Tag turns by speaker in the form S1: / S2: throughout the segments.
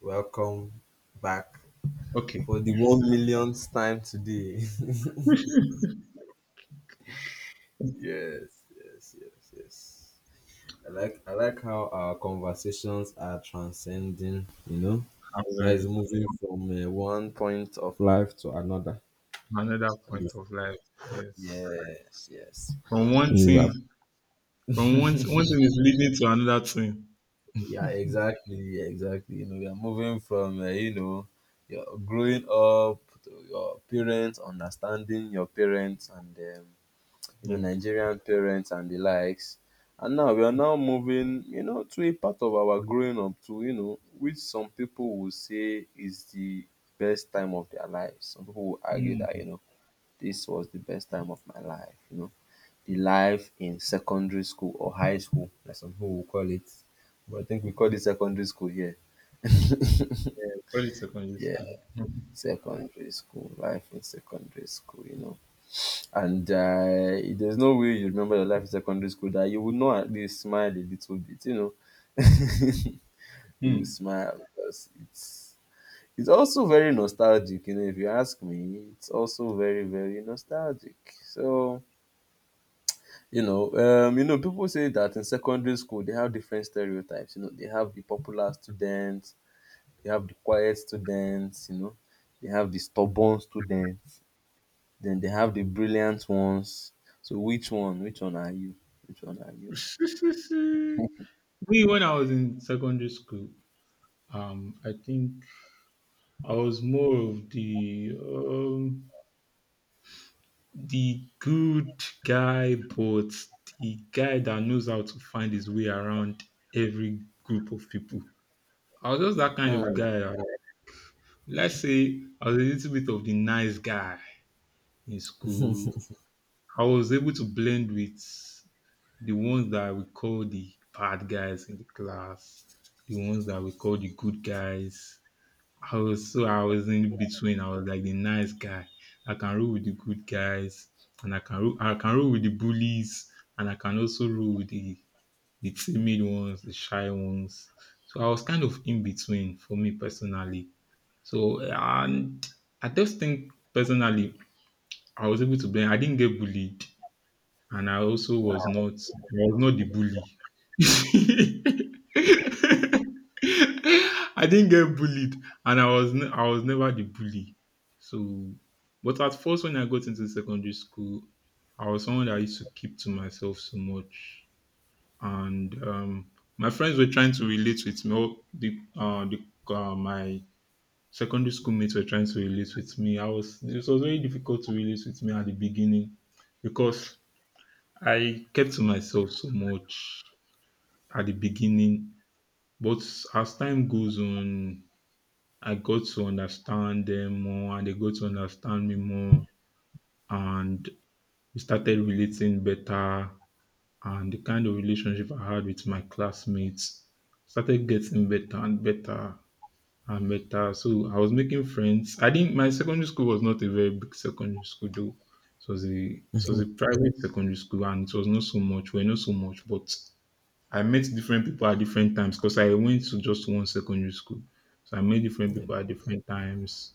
S1: Welcome back
S2: Okay.
S1: for the one millionth time today. Yes. I like how our conversations are transcending. You know, there is
S2: And,
S1: moving from one point of life to another.
S2: another
S1: And
S2: point
S1: it's-
S2: of life. Yes.
S1: Yes, yes.
S2: From one
S1: You have-
S2: thing, from one thing is leading to another thing.
S1: Yeah, exactly, exactly. You know, we are moving from your growing up to your parents, understanding your parents, and
S2: Hmm.
S1: Nigerian parents and the likes. And now we are now moving, you know, to a part of our growing up to, you know, which some people will say is the best time of their lives. Some people will argue that,
S2: Hmm.
S1: you know, this was the best time of my life, you know. The life in secondary school or high school, like some people will call it. But I think we call it secondary school here.
S2: Yeah. Probably secondary
S1: Yeah,
S2: school. Hmm.
S1: secondary school, life in secondary school, you know. And there's no way you remember your life in secondary school that you would not at least smile a little bit, you know. you will
S2: Hmm.
S1: smile because it's also very nostalgic, you know. If you ask me, it's also very very nostalgic. So you know, people say that in secondary school they have different stereotypes. You know, they have the popular students, they have the quiet students, you know, they have the stubborn students. Then they have the brilliant ones. So which one? Which one are you? Which one are you?
S2: Me, when I was in secondary school, I think I was more of the good guy, but the guy that knows how to find his way around every group of people. I was just that kind of
S1: Hmm.
S2: guy. Let's say I was a little bit of the nice guy in school. I was able to blend with the ones that we call the bad guys in the class, the ones that we call the good guys. I was so I was in between. I was like the nice guy. I can roll with the good guys, and I can roll with the bullies, and I can also roll with the timid ones, the shy ones. So I was kind of in between for me personally. So, and I just think personally, I was able to blend. I didn't get bullied, and I also was not. I was not the bully. I didn't get bullied, and I was never the bully. So, but at first, when I got into secondary school, I was someone that used to keep to myself so much, and my friends were trying to relate with me. All the my secondary school mates were trying to relate with me. I was it was very difficult to relate with me at the beginning because I kept to myself so much at the beginning. But as time goes on, I got to understand them more and they got to understand me more and we started relating better and the kind of relationship I had with my classmates started getting better and better. So I was making friends. I didn't. My secondary school was not a very big secondary school though. It was a private secondary school, and it was not so much. We're not so much, but I met different people at different times because I went to just one secondary school. So I met different people at different times,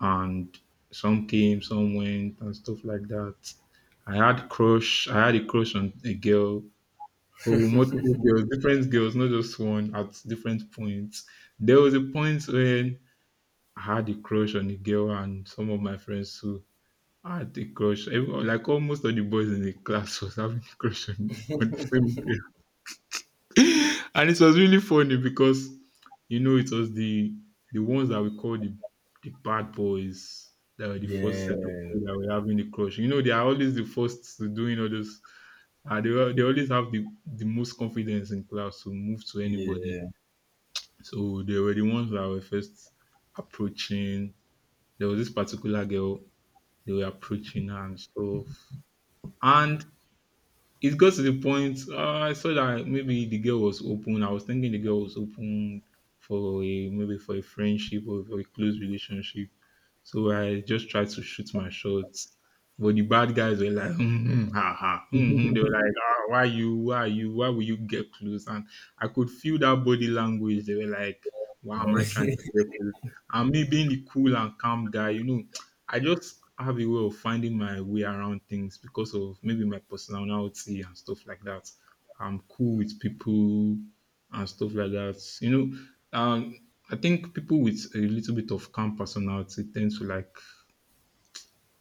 S2: and some came, some went, and stuff like that. I had a crush on a girl. Oh, multiple girls, different girls, not just one at different points. There was a point when I had a crush on a girl and some of my friends too had a crush. Everyone, like almost all the boys in the class was having a crush on the same girl. And it was really funny because it was the ones that we call the bad boys that were the first
S1: Yeah,
S2: set of people that were having the crush. They are always the first to doing all those they always have the most confidence in class to move to
S1: yeah,
S2: anybody. So they were the ones that were first approaching. There was this particular girl, they were approaching her and stuff. And it got to the point, I saw that maybe the girl was open. I was thinking the girl was open for a maybe for a friendship or for a close relationship. So I just tried to shoot my shots. But the bad guys were like, hmm, hmm, ha, ha, hmm, hmm." They were like, ah, why will you get close? And I could feel that body language. They were like, why am I trying to get close? And me being the cool and calm guy, I just have a way of finding my way around things because of maybe my personality and stuff like that. I'm cool with people and stuff like that. Um, I think people with a little bit of calm personality tend to like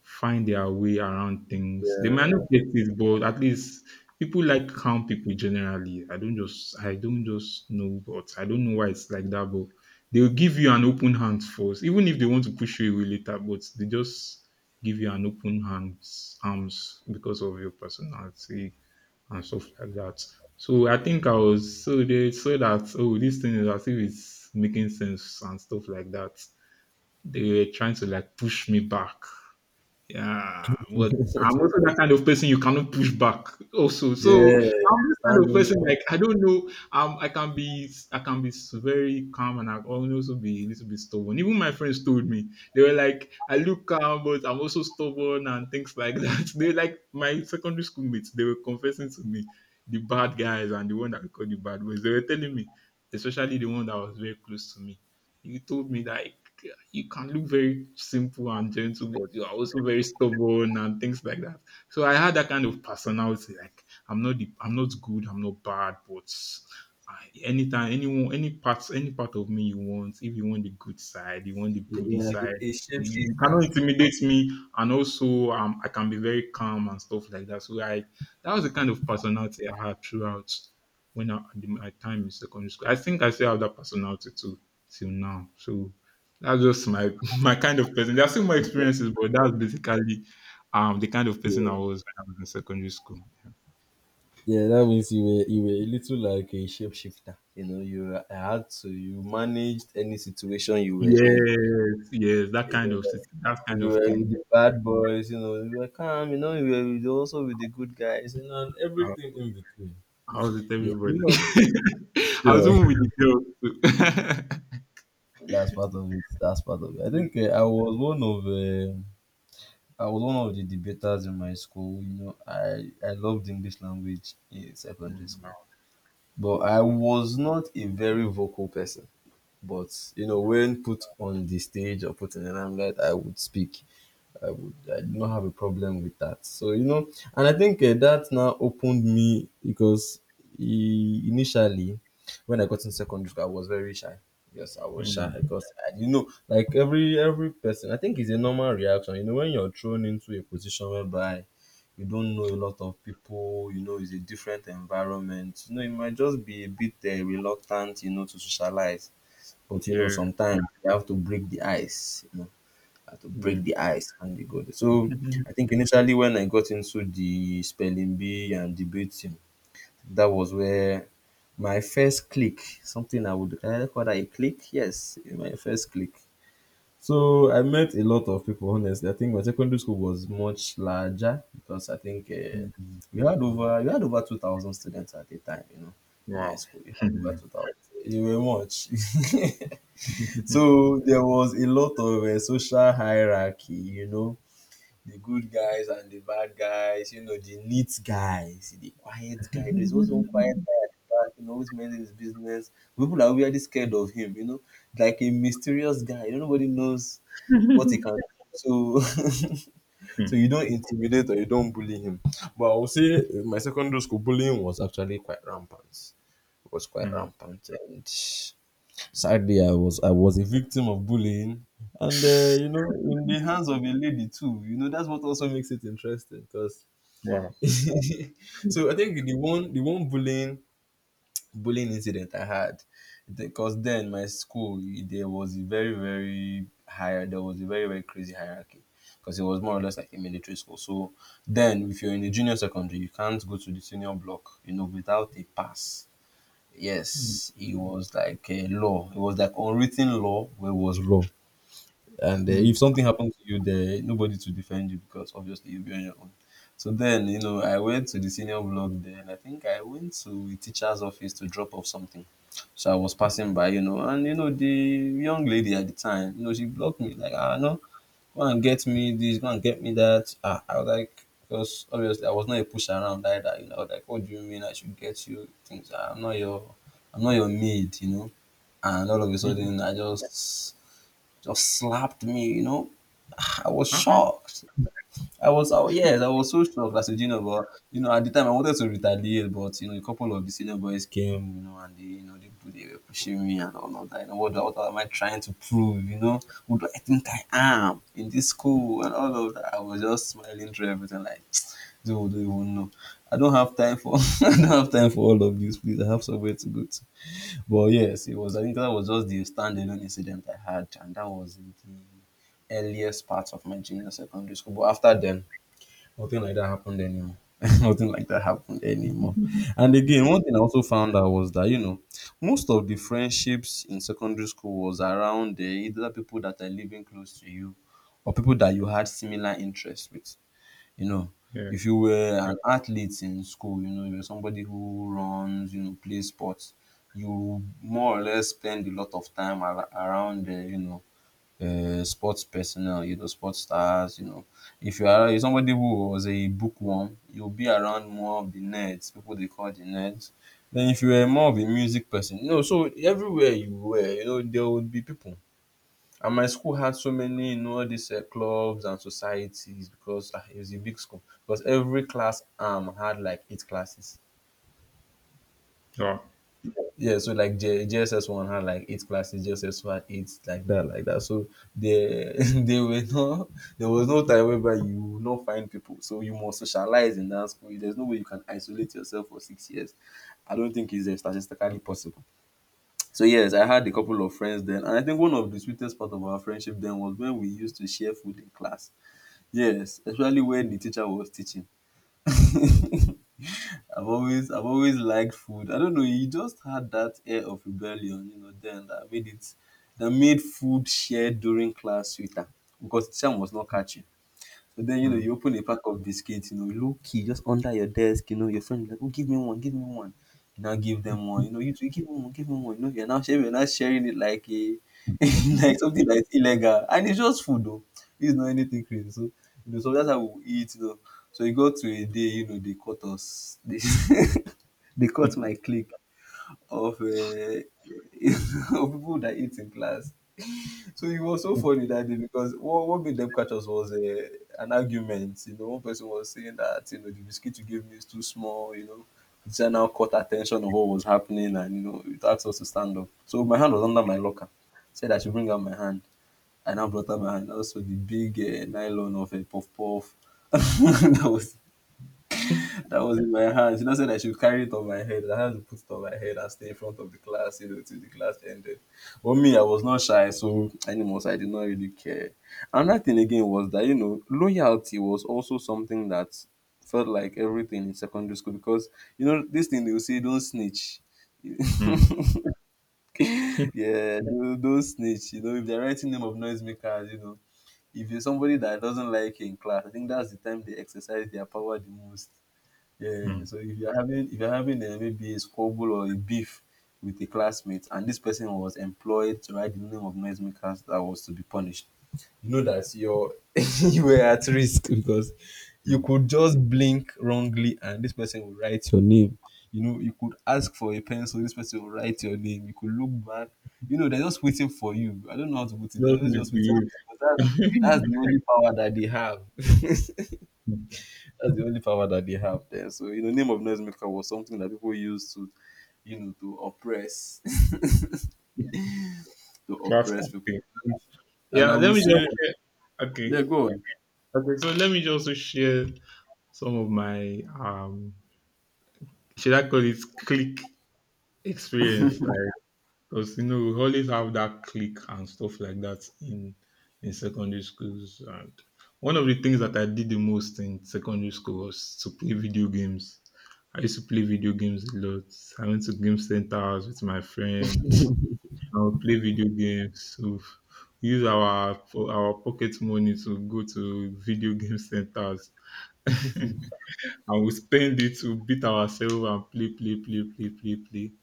S2: find their way around things. They might not get it, but at least people like calm people generally. I don't just know, but I don't know why it's like that. But they'll give you an open hand first, even if they want to push you away later. But they just give you an open hands arms because of your personality and stuff like that. So I think I was so they saw that oh this thing is as if it's making sense and stuff like that. They were trying to like push me back, yeah, but I'm also that kind of person you cannot push back. Also, so
S1: yeah.
S2: I'm this kind of
S1: Standing
S2: person
S1: up,
S2: like I don't know. I can be very calm and I can also be a little bit stubborn. Even my friends told me they were like, I look calm, but I'm also stubborn and things like that. They like my secondary school mates. They were confessing to me, the bad guys and the one that we call the bad boys. They were telling me, especially the one that was very close to me. You told me that you can look very simple and gentle, but you are also very stubborn and things like that. So I had that kind of personality. Like I'm not good, I'm not bad, but I, anytime, anyone, any parts, any part of me you want, if you want the good side, you want the
S1: yeah,
S2: bully
S1: yeah, like
S2: side.
S1: a
S2: You cannot
S1: shapeshifter.
S2: intimidate me, and also I can be very calm and stuff like that. So that was the kind of personality I had throughout when I, at the- my time in secondary school. I think I still have that personality too till now. So that's just my my kind of person. There are still more experiences, but
S1: Yeah,
S2: that's basically the kind of
S1: yeah,
S2: person I was when I was in secondary school. Yeah.
S1: yeah. That means you were a little like a shapeshifter. You know, you were- had to you managed any situation you were in.
S2: Yes, yes, that
S1: If
S2: kind
S1: you
S2: of
S1: were,
S2: sit- that
S1: if
S2: kind
S1: you
S2: of
S1: were with
S2: thing.
S1: the bad boys, you know, you were calm. You know, you were with, also with the good guys, you know, and
S2: Uh,
S1: everything in between.
S2: How's it,
S1: Yeah,
S2: everybody?
S1: you
S2: I was
S1: know.
S2: even with the girls too.
S1: That's part of it. That's part of it. I
S2: Mm,
S1: think I was one of the debaters in my school. You know, I loved English language in secondary
S2: mm, no,
S1: school, but
S2: it's
S1: I
S2: not-
S1: was not a very vocal person. But you know,
S2: no.
S1: when put on the stage or put in the limelight, I would speak. I do not have a problem with that. So you know, and I think that now opened me because initially when I got in secondary school, I was very shy. Yes, I was shy
S2: Mm,
S1: because I, you know, like every person, I think it's a normal reaction. You know, when you're thrown into a position whereby you don't know a lot of people, you know, it's a different environment. You know, you might just be a bit reluctant, you know, to socialize. But you know,
S2: yeah,
S1: sometimes you have to break the ice to break
S2: yeah.
S1: the ice and the got So I think initially when I got into the spelling bee and debating, that was where my first click, something I would call that a click. Yes, my first click. So I met a lot of people. Honestly, I think my secondary school was much larger because I think
S2: Mm.
S1: we had over 2,000 students at the time. You know, in my
S2: Wow.
S1: school, we had over
S2: Mm,
S1: 2,000. You were much. So there was a lot of social hierarchy, you know, the good guys and the bad guys, you know, the neat guys, the quiet guy. You know, there's always one quiet guy at the back, you know, always minding his business. People are really scared of him, you know, like a mysterious guy. You know, nobody knows what he can do. So, so you don't intimidate or you don't bully him. But I would say in my secondary school bullying was actually quite rampant. It was quite
S2: mm.
S1: rampant and sadly, I was a victim of bullying, and you know, in the hands of a lady too. You know, that's what also makes it interesting. Because
S2: Wow.
S1: so I think the one bullying incident I had, because then my school there was a very very crazy hierarchy. Because it was more or less like a military school. So then, if you're in the junior secondary, you can't go to the senior block, you know, without a pass. Yes, it was like a law. It was like unwritten law, where it was law. And if
S2: Mm.
S1: something happened to you, there nobody to defend you because obviously you'll be on your own. So then, you know, I went to the senior block there, and I think I went to a teacher's office to drop off something. So I was passing by, you know, and you know the young lady at the time, you know, she blocked me like, ah, no, go and get me this, go and get me that. Ah, I was like, because obviously I was not a push around either. You know, I was like, what do you mean I should get you things? Ah, I'm not your maid, you know. And all of a sudden, just slapped me, you know. Ah, I was
S2: Uh-uh.
S1: shocked. Yes, I was so shocked as a junior, but you know, at the time I wanted to retaliate, but you know, a couple of the senior boys came, you know, and they, you know, they were pushing me and all of that. You know, what am I trying to prove? You know, who do I think I am in this school and all of that? I was just smiling through everything, like, dude, don't even know. I don't have time for, I don't have time for all of this. Please, I have somewhere to go to. But yes, it was. I think that was just the standalone incident I had, and that was the earliest part of my junior secondary school. But after then, nothing like that happened anymore. Nothing like that happened anymore. And again, one thing I also found out was that, you know, most of the friendships in secondary school was around the either people that are living close to you or people that you had similar interests with. You know,
S2: Yeah.
S1: if you were an athlete in school, you know, you're somebody who runs, you know, plays sports, you more or less spend a lot of time around, you know, sports personnel, you know, sports stars, you know. If you are somebody who was a bookworm, you'll be around more of the nerds, people they call the nerds. Then if you were more of a music person, you know, so everywhere you were, you know, there would be people. And my school had so many, you know, all these clubs and societies because it was a big school. Because every class arm had like eight classes.
S2: Oh.
S1: Yeah, so like JSS one had like eight classes, JSS two had eight, like that, like that. So there, there were no, there was no time whereby you would not find people. So you must socialize in that school. There's no way you can isolate yourself for 6 years. I don't think it's statistically possible. So yes, I had a couple of friends then, and I think one of the sweetest part of our friendship then was when we used to share food in class. Yes, especially when the teacher was teaching. I've I've always liked food. I don't know, you just had that air of rebellion, you know, then that made food shared during class sweeter because teacher was not catching. But then, you know,
S2: Mm.
S1: you open a pack of biscuits, you know, low key, just under your desk, you know, your friend is like, oh, give me one, give me one. You now give them one, you know, you two, give me one, give me one. You know, you're now sharing it like a, like something that's illegal. And it's just food, though. It's not anything crazy. So, you know, so that's how we eat, you know. So it got to a day, you know, they cut us. They cut my
S2: Mm.
S1: clique of, of people that eat in class. So it was so funny that day because what made them catch us was an argument. You know, one person was saying that you know the biscuit you gave me is too small. You know, the teacher now caught attention of what was happening and you know it asked us to stand up. So my hand was under my locker. Said I should bring out my hand. And I now brought out my hand. Also the big nylon of a puff puff. that was that was in my hand. She just said I should carry it on my head. I had to put it on my head and stay in front of the class, you know, till the class ended. But me, I was not shy, so animals, I did not really care. Another thing again was that, you know, loyalty was also something that felt like everything in secondary school because, you know, this thing they will say, don't snitch. Yeah, don't snitch. You know, if they're writing name of noisemakers, you know, if you're somebody that doesn't like you in class, I think that's the time they exercise their power the most. Yeah,
S2: Mm.
S1: so if you're having maybe a squabble or a beef with a classmate, and this person was employed to write the name of noisemakers that was to be punished, you know that you're you were at risk because you
S2: Mm.
S1: could just blink wrongly and this person will write your name. You know, you could ask for a pencil, this person will write your name. You could look back. You know, they're just waiting for you. I don't know how to put it.
S2: Just
S1: They're just waiting for
S2: misbehave.
S1: you. But that's the only power that they have.
S2: Mm.
S1: That's the only power that they have there. So, you know, name of noisemaker was something that people used to, you know, to
S2: Class
S1: oppress people.
S2: captain.
S1: And
S2: Yeah,
S1: I will
S2: let me
S1: say,
S2: just share. Okay.
S1: yeah, go on.
S2: Okay, so let me just share some of my should I call it click experience. Like, because we always have that clique and stuff like that in secondary schools. And one of the things that I did the most in secondary school was to play video games. I used to play video games a lot. I went to game centers with my friend. I would play video games. So we use our pocket money to go to video game centers. And we spend it to beat ourselves and play, play, play, play, play, play.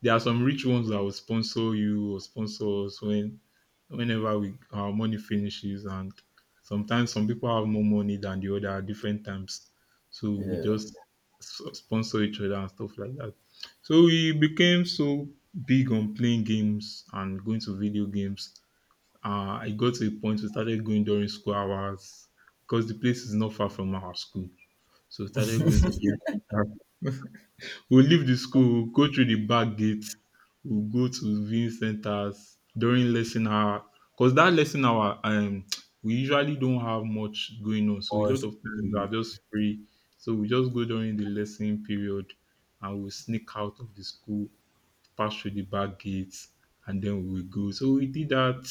S2: There are some rich ones that will sponsor you or sponsor us when whenever we our money finishes and sometimes some people have more money than the other at different times. So we
S1: Yeah,
S2: just sponsor each other and stuff like that. So we became so big on playing games and going to video games. I got to a point we started going during school hours because the place is not far from our school so we started going to viewing centers. We'll leave the school, we'll go through the back gate, we'll go to viewing centers during lesson hour. Because that lesson hour, we usually don't have much going on. So a lot
S1: pause.
S2: of times we
S1: to-
S2: are just free. So we just go during the lesson period and we'll sneak out of the school, pass through the back gates, and then we will go. So we did that.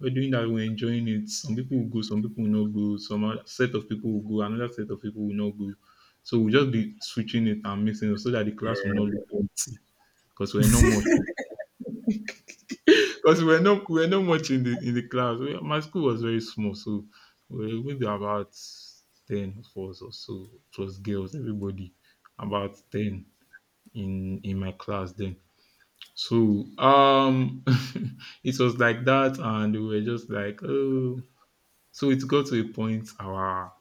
S2: We're doing that, we're enjoying it. Some people will go, some people will not go, some other set of people will go, another set of people will not go. So we'll just be switching it and mixing it so that the class will
S1: yeah,
S2: not look empty. Because we're not much because we're not much in the class. My school was very small, so we maybe about 10 of us or so. It was girls, everybody. About 10 in my class then. So it was like that and we were just like, oh, so it got to a point, our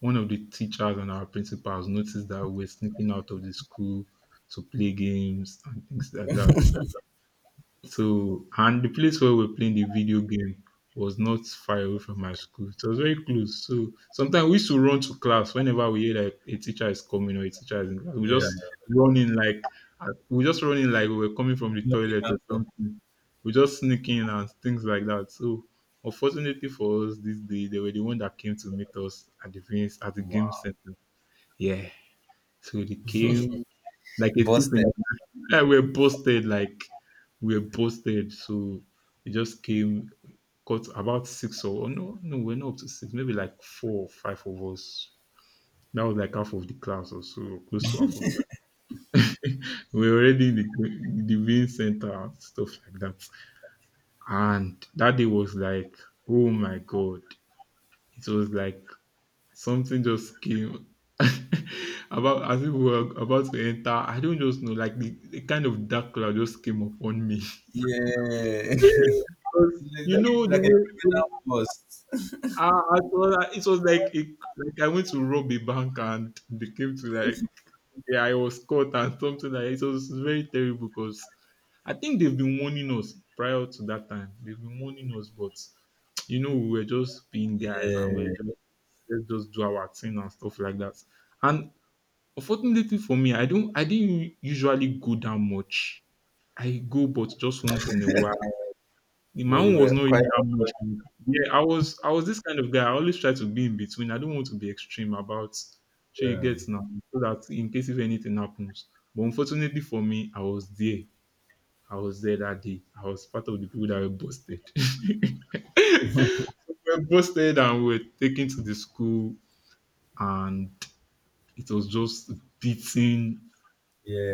S2: one of the teachers and our principals noticed that we were sneaking out of the school to play games and things like that. So, and the place where we were playing the video game was not far away from my school. So, it was very close. So sometimes we used to run to class whenever we hear like a teacher is coming or a teacher is in class.
S1: yeah.
S2: Running like we just running like we were coming from the
S1: Nothing
S2: toilet or
S1: happened.
S2: something. We just sneaking and things like that. So unfortunately for us, this day they were the one that came to meet us at the game
S1: Wow.
S2: center. Yeah. So they came like a thief
S1: Busted.
S2: in the and we're posted, like we're posted. So it just came got about six or oh, no, no, we're not up to six, maybe like four or five of us. That was like half of the class or so, or close to half of we're already in the main center and stuff like that. And that day was like, oh my god, it was like something just came about as if we were about to enter. I don't just know, like the kind of dark cloud just came upon me.
S1: Yeah.
S2: Because you
S1: Like,
S2: know the
S1: a
S2: way
S1: criminal bust.
S2: I thought it was like like I went to rob a bank and they came to like yeah I was caught and something like it was very terrible because I think they've been warning us prior to that time they've been warning us but you know we were just being guys and we were
S1: Yeah.
S2: just, let's just do our thing and stuff like that and unfortunately for me I didn't usually go that much. I go but just once in a while. My
S1: But you
S2: own was
S1: were
S2: not really
S1: quite,
S2: that much. Yeah, I was this kind of guy. I always try to be in between. I don't want to be extreme about sure you
S1: yeah.
S2: get now so that in case if anything happens. But unfortunately for me, I was there. I was there that day. I was part of the people that were busted. So we were busted and we were taken to the school and it was just beating,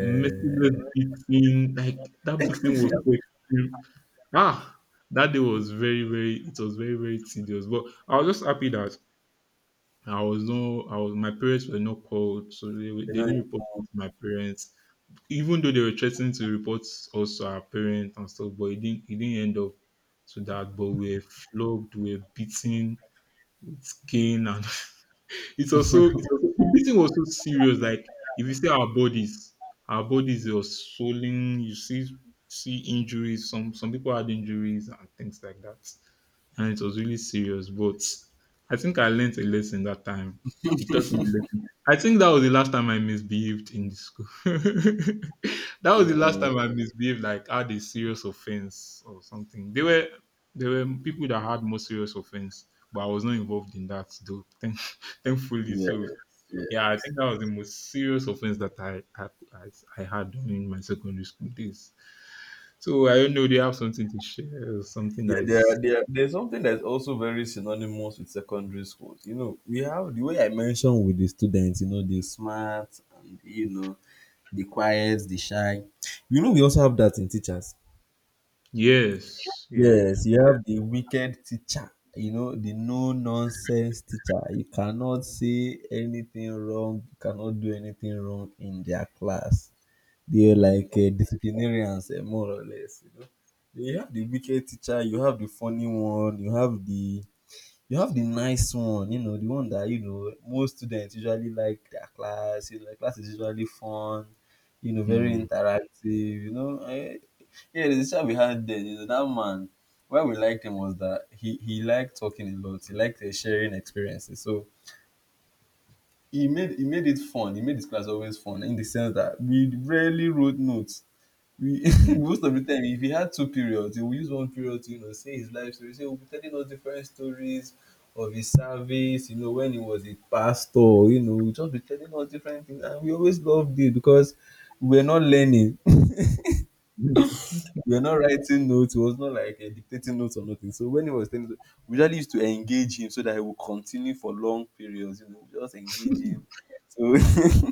S2: merciless beating, like that beating was so extreme. Ah, that day was very, very, it was very, very tedious. But I was just happy that I was my parents were not called, so
S1: They're
S2: they
S1: not
S2: didn't report me
S1: informed.
S2: to my parents. Even though they were threatening to report also our parents and stuff, but it didn't end up to that. But we were flogged, we were beaten with cane and it's also, the thing was so serious. Like if you see our bodies are swollen. You see, see injuries. Some people had injuries and things like that, and it was really serious. But I think I learned a lesson that time. It taught me a lesson. I think that was the last time I misbehaved in the school. That was
S1: Yeah,
S2: the last time I misbehaved. Like had a serious offense or something. They were there were people that had more serious offense, but I was not involved in that though. Thankfully, so
S1: yes,
S2: yeah, I
S1: yes.
S2: think that was the most serious offense that I had during my secondary school days. So I don't know. Do you have something to share? Something
S1: Yeah,
S2: that
S1: there,
S2: is
S1: are- there, are- there's something that's also very synonymous with secondary schools. You know, we have the way I mentioned with the students, you know, the smart, and, you know, the quiet, the shy. You know, we also have that in teachers.
S2: yes, yes.
S1: Yes, you have the wicked teacher, you know, the no nonsense teacher. You cannot say anything wrong, you cannot do anything wrong in their class. They're
S2: Mm,
S1: like disciplinarians, more or less. You know, you have the wicked teacher, you have the funny one, you have the nice one. You know, the one that you know most students usually like their class. You know, class is usually fun. You know, very
S2: mm,
S1: interactive. You know, yeah, the teacher we had then, you know, that man. Why we liked him was that he liked talking a lot. He liked sharing experiences. So he made it fun. He made his class always fun in the sense that we rarely wrote notes. We
S2: mm,
S1: most of the time if he had two periods, he will use one period to, you know, say his life story. So he will be telling us different stories of his service, you know, when he was a pastor. You know, he will just be telling us different things, and we always loved it because we were not learning.
S2: mm,
S1: We were not writing notes. It was not like dictating notes or nothing. So when he was telling us, we usually used to engage him so that he would continue for long periods. You know, we just engage him. So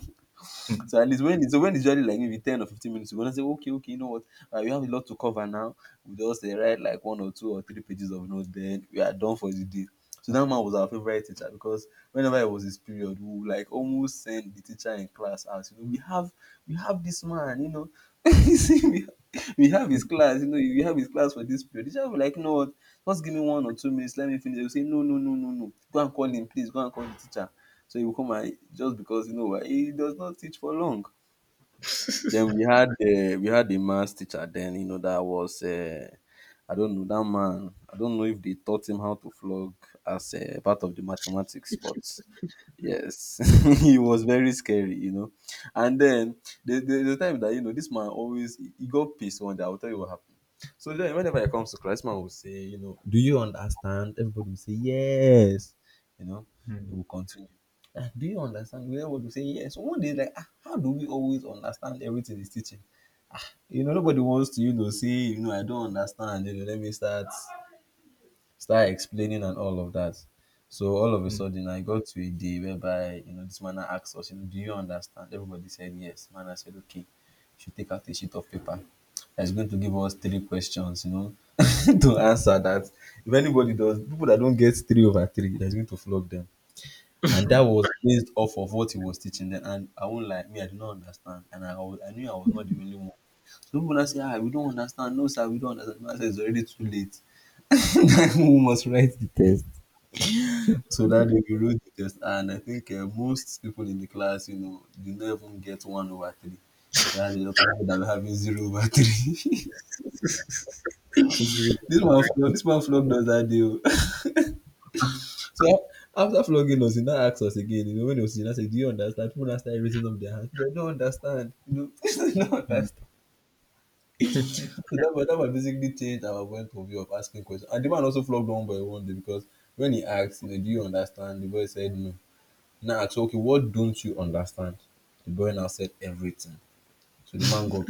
S2: mm.
S1: so at least when it's usually like maybe 10 or 15 minutes, you gonna say, okay, okay, you know what, we have a lot to cover now. We just write like one or two or three pages of notes, then we are done for the day. So that man was our favorite teacher because whenever it was his period, we would like almost send the teacher in class out. You know, we have this man, you know. You see, we have his class, you know, we have his class for this period. The teacher will be like, you know what, just give me 1 or 2 minutes, let me finish. They will say, no, no, no, no, no, go and call him, please, go and call the teacher. So he will come, and just because you know why, he does not teach for long. Then we had uh, we had a maths teacher. Then you know that was I don't know that man. I don't know if they taught him how to flog as part of the mathematics, but yes, he was very scary, you know. And then the time that you know this man always he got pissed one day. I will tell you what happened. So then whenever it comes to class, this man will say, you know, do you understand? Everybody will say yes, you know. He
S2: Mm,
S1: will continue. Ah, do you understand? We would say yes. One day, like, ah, how do we always understand everything is teaching? You know, nobody wants to, you know, say, you know, I don't understand. You know, let me start explaining and all of that. So all of a
S2: mm.
S1: sudden, I got to a day whereby, you know, this man now asked us, you know, do you understand? Everybody said yes. Man, I said, okay, you should take out a sheet of paper. That's going to give us three questions, you know, to answer that. If anybody does, people that don't get 3/3, that's going to flog them. And that was based off of what he was teaching then, and I won't lie, me, I did not understand, and I knew I was not the only one. Some people now say, "Ah, we don't understand. No, sir, we don't understand." I man said, "It's already too late. We must write the test." So that day we wrote the test, and I think most people in the class, you know, did not even get 1/3. They had a lot of people that were having 0/3. This man flogged us that day. Oh. So after flogging us, he now asked us again. You know, when he was he now said, "Do you understand?" People now started raising up their hands. "I don't understand." You know, "I don't understand." So that was basically changed our point of view of asking questions. And the man also flogged one by one day because when he asked, you know, "Do you understand?" The boy said no. Now I asked, "Okay, what don't you understand?" The boy now said everything. So the man got,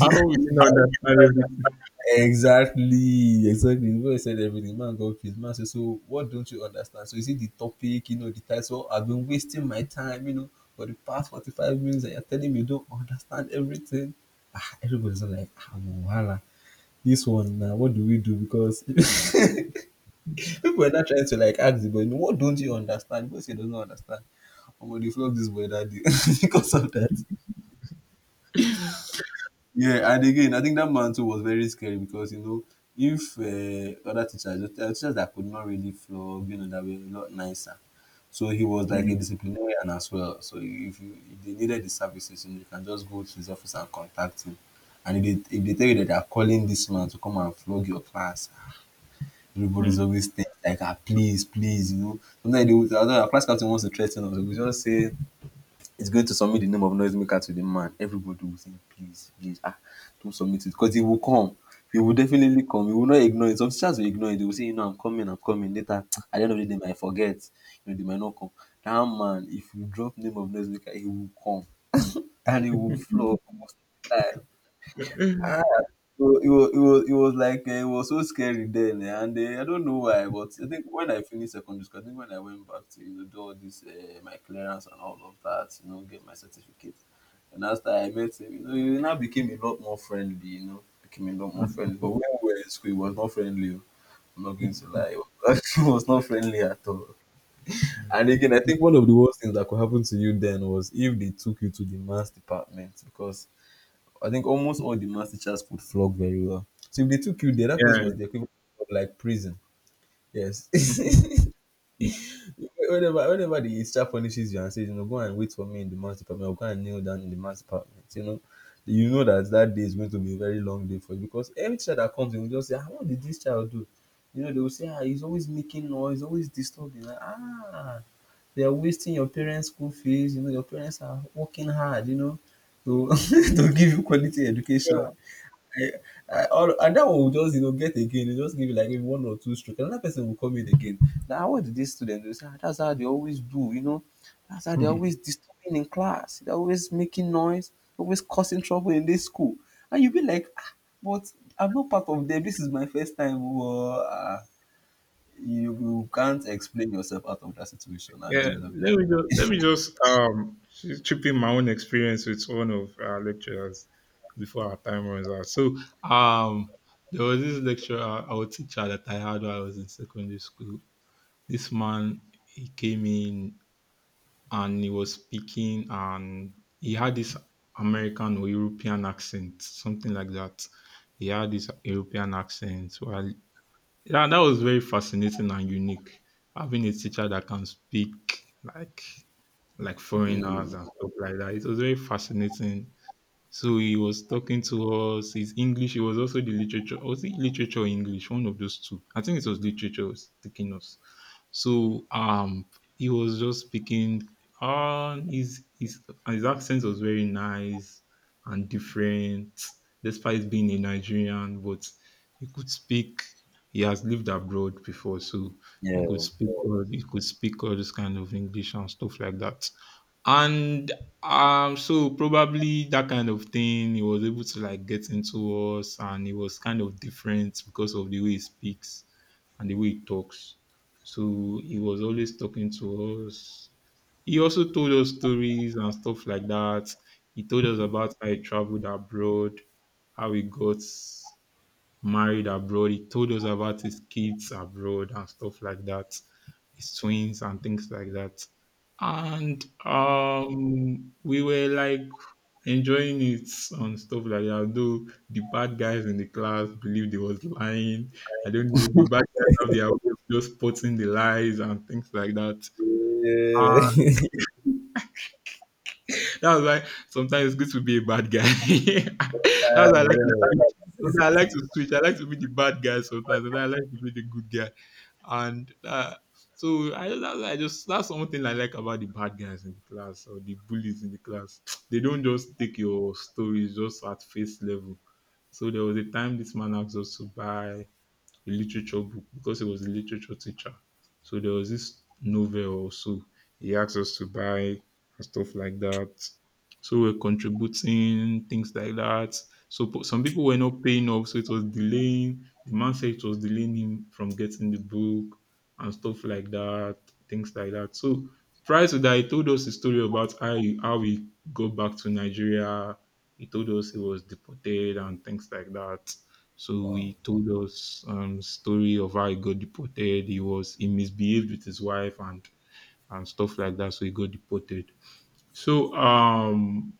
S2: How will you not understand everything?
S1: exactly, exactly. You boy said everything. Man got pissed. Man said, "So what don't you understand? So is it the topic? You know the title? I've been wasting my time. You know, for the past 45 minutes, and you're telling me you don't understand everything." Ah, everybody's like, "Ah, no, wahala. This one now, what do we do?" Because people are not trying to like ask the boy, "No," "What don't you understand?" The boy say, "Doesn't understand." I'm gonna flog this boy that day because of that. Yeah, and again, I think that man too was very scary because you know if other teachers, the teachers that could not really flog, you know, that were a lot nicer. So he was like a disciplinarian as well. So if they needed the services, you, know, you can just go to his office and contact him. And if they tell you that they are calling this man to come and flog your class, everybody's
S2: Mm,
S1: always think like, ah, please, please, you know. Sometimes they would, although our class captain wants to threaten us, we just say, it's going to submit the name of noisemaker to the man. Everybody will say, please, please, ah, don't submit it because he will come. He will definitely come. He will not ignore it. Some teachers will ignore it. They will say, you know, I'm coming later. At the end of the day, they might forget. You know, they might not come. That man, if you drop name of noisemaker, he will come and he will flow most of the time.
S2: mm,
S1: It was like it was so scary then, and I don't know why, but I think when I finished secondary school, I think when I went back to, you know, do all this my clearance and all of that, you know, get my certificate, and after I met him, you know, he now became a lot more friendly, you know, became a lot more
S2: mm.
S1: friendly. But when we were in school, he was not friendly. Oh. I'm not going to lie, he was not friendly at all. And again, I think one of the worst things that could happen to you then was if they took you to the maths department because I think almost all the maths teachers could flog very well. So if they took you there, that place was the equivalent of like prison. Yes.
S2: Yeah.
S1: Whenever the instructor punishes you and says, you know, go and wait for me in the maths department, or go and kneel down in the maths department, you know that that day is going to be a very long day for you because every child that comes in will just say, ah, what did this child do? You know, they will say, ah, he's always making noise, always disturbing. Like, ah, they are wasting your parents' school fees. You know, your parents are working hard, you know, to, to give you quality education. I, and that one will just you know get again. They just give you like maybe one or two strokes. Another person will come in again. Now what did this student do? They say, "Ah, that's how they always do. You know, that's how they're always disturbing in class. They're always making noise, always causing trouble in this school." And you be like, ah, but I'm not part of them. This is my first time. Well, ah, you can't explain yourself out of that situation at the
S2: Yeah,
S1: end of it.
S2: let me just chip in my own experience with one of our lecturers before our time runs out. So um there was this lecturer or teacher that I had while I was in secondary school. This man he came in and he was speaking and he had this American or European accent, something like that. He had this European accent. Well, yeah, that was very fascinating and unique. Having a teacher that can speak like like foreigners
S1: Mm,
S2: and stuff like that. It was very fascinating. So he was talking to us. His English, it was also the literature. Was it literature or English? One of those two. I think it was literature taking us. So he was just speaking um his his his accent was very nice and different, despite being a Nigerian, but he could speak he has lived abroad before, so he could
S1: yeah.
S2: speak, all he could speak all this kind of English and stuff like that. And, so probably that kind of thing he was able to like get into us and he was kind of different because of the way he speaks and the way he talks. So he was always talking to us. He also told us stories and stuff like that. He told us about how he traveled abroad, how he got married abroad. He told us about his kids abroad and stuff like that, his twins and things like that. And we were like enjoying it and stuff like that. Though the bad guys in the class believed he was lying. I don't know. The bad guys have their way of just spotting the lies and things like that.
S1: Yeah. Yeah.
S2: That's why sometimes it's good to be a bad guy. That's
S1: Yeah.
S2: why I like to switch. Sometimes I like to switch. I like to be the bad guy sometimes, and I like to be the good guy. And so I that's one thing I like about the bad guys in the class or the bullies in the class. They don't just take your stories just at face level. So there was a time this man asked us to buy a literature book because he was a literature teacher. So there was this novel also he asked us to buy and stuff like that. So we're contributing things like that. So some people were not paying up, so it was delaying. The man said it was delaying him from getting the book and stuff like that, things like that. So prior to that, he told us a story about how he got back to Nigeria. He told us he was deported and things like that. So
S1: Wow.
S2: he told us story of how he got deported. He misbehaved with his wife and stuff like that. So he got deported. So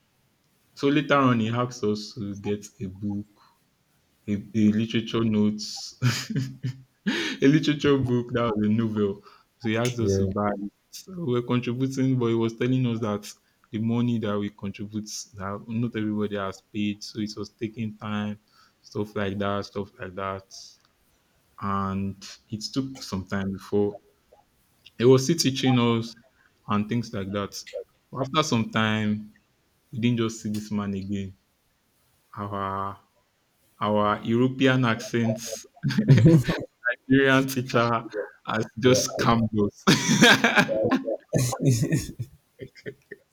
S2: so later on he asked us to get a book, a literature notes, a literature book that was a novel. So he asked us to
S1: Yeah.
S2: buy it. So we we're contributing, but he was telling us that the money that we contribute that not everybody has paid, so it was taking time, stuff like that and it took some time before it was still teaching us and things like that. After some time, we didn't just see this man again. Our our European accents, Nigerian teacher has just scammed us.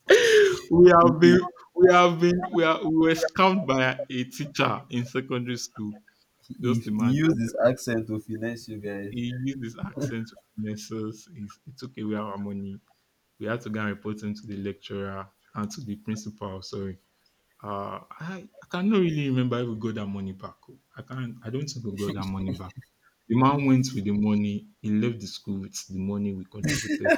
S2: we have
S1: Yeah.
S2: been we have been we were scammed by a teacher in secondary school.
S1: He,
S2: Just
S1: he used
S2: imagine.
S1: his accent to finesse you guys.
S2: He used his accent to finesse us. He took away our money. We had to go and report him to the lecturer and to the principal. Sorry. I cannot really remember if we got that money back. Oh. I can't. I don't think we got that money back. The man went with the money. He left the school with the money we contributed.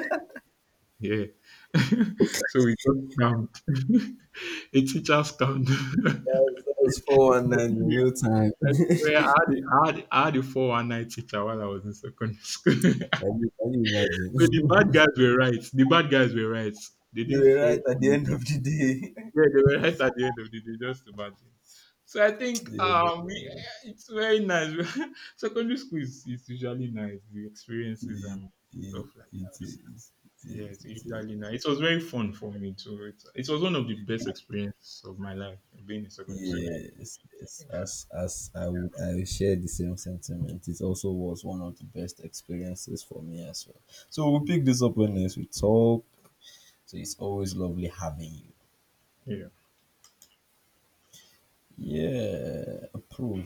S2: Yeah. So we got scammed. A teacher scammed.
S1: That was 419 in
S2: Yeah,
S1: real time.
S2: I swear, I had a 419 teacher while I was in secondary school. So
S1: Can you imagine?
S2: the bad guys were right. The bad guys were right. They
S1: They
S2: didn't
S1: were
S2: fall.
S1: right at the end of the day.
S2: Yeah, they were right at the end of the day, just imagine. So I think
S1: Yeah,
S2: it's very nice. Secondary school is usually nice, the experiences
S1: it,
S2: and
S1: it,
S2: stuff like
S1: it is.
S2: that.
S1: It
S2: Yeah,
S1: is.
S2: it's
S1: It is.
S2: usually nice. It was very fun for me too. It was one of the best experiences of my life being in secondary school.
S1: Yes, yes.
S2: Yeah.
S1: As I will, share the same sentiment. It also was one of the best experiences for me as well. So we'll pick this up when next we talk. So it's always lovely having
S2: Yeah.
S1: you. Yeah, approve.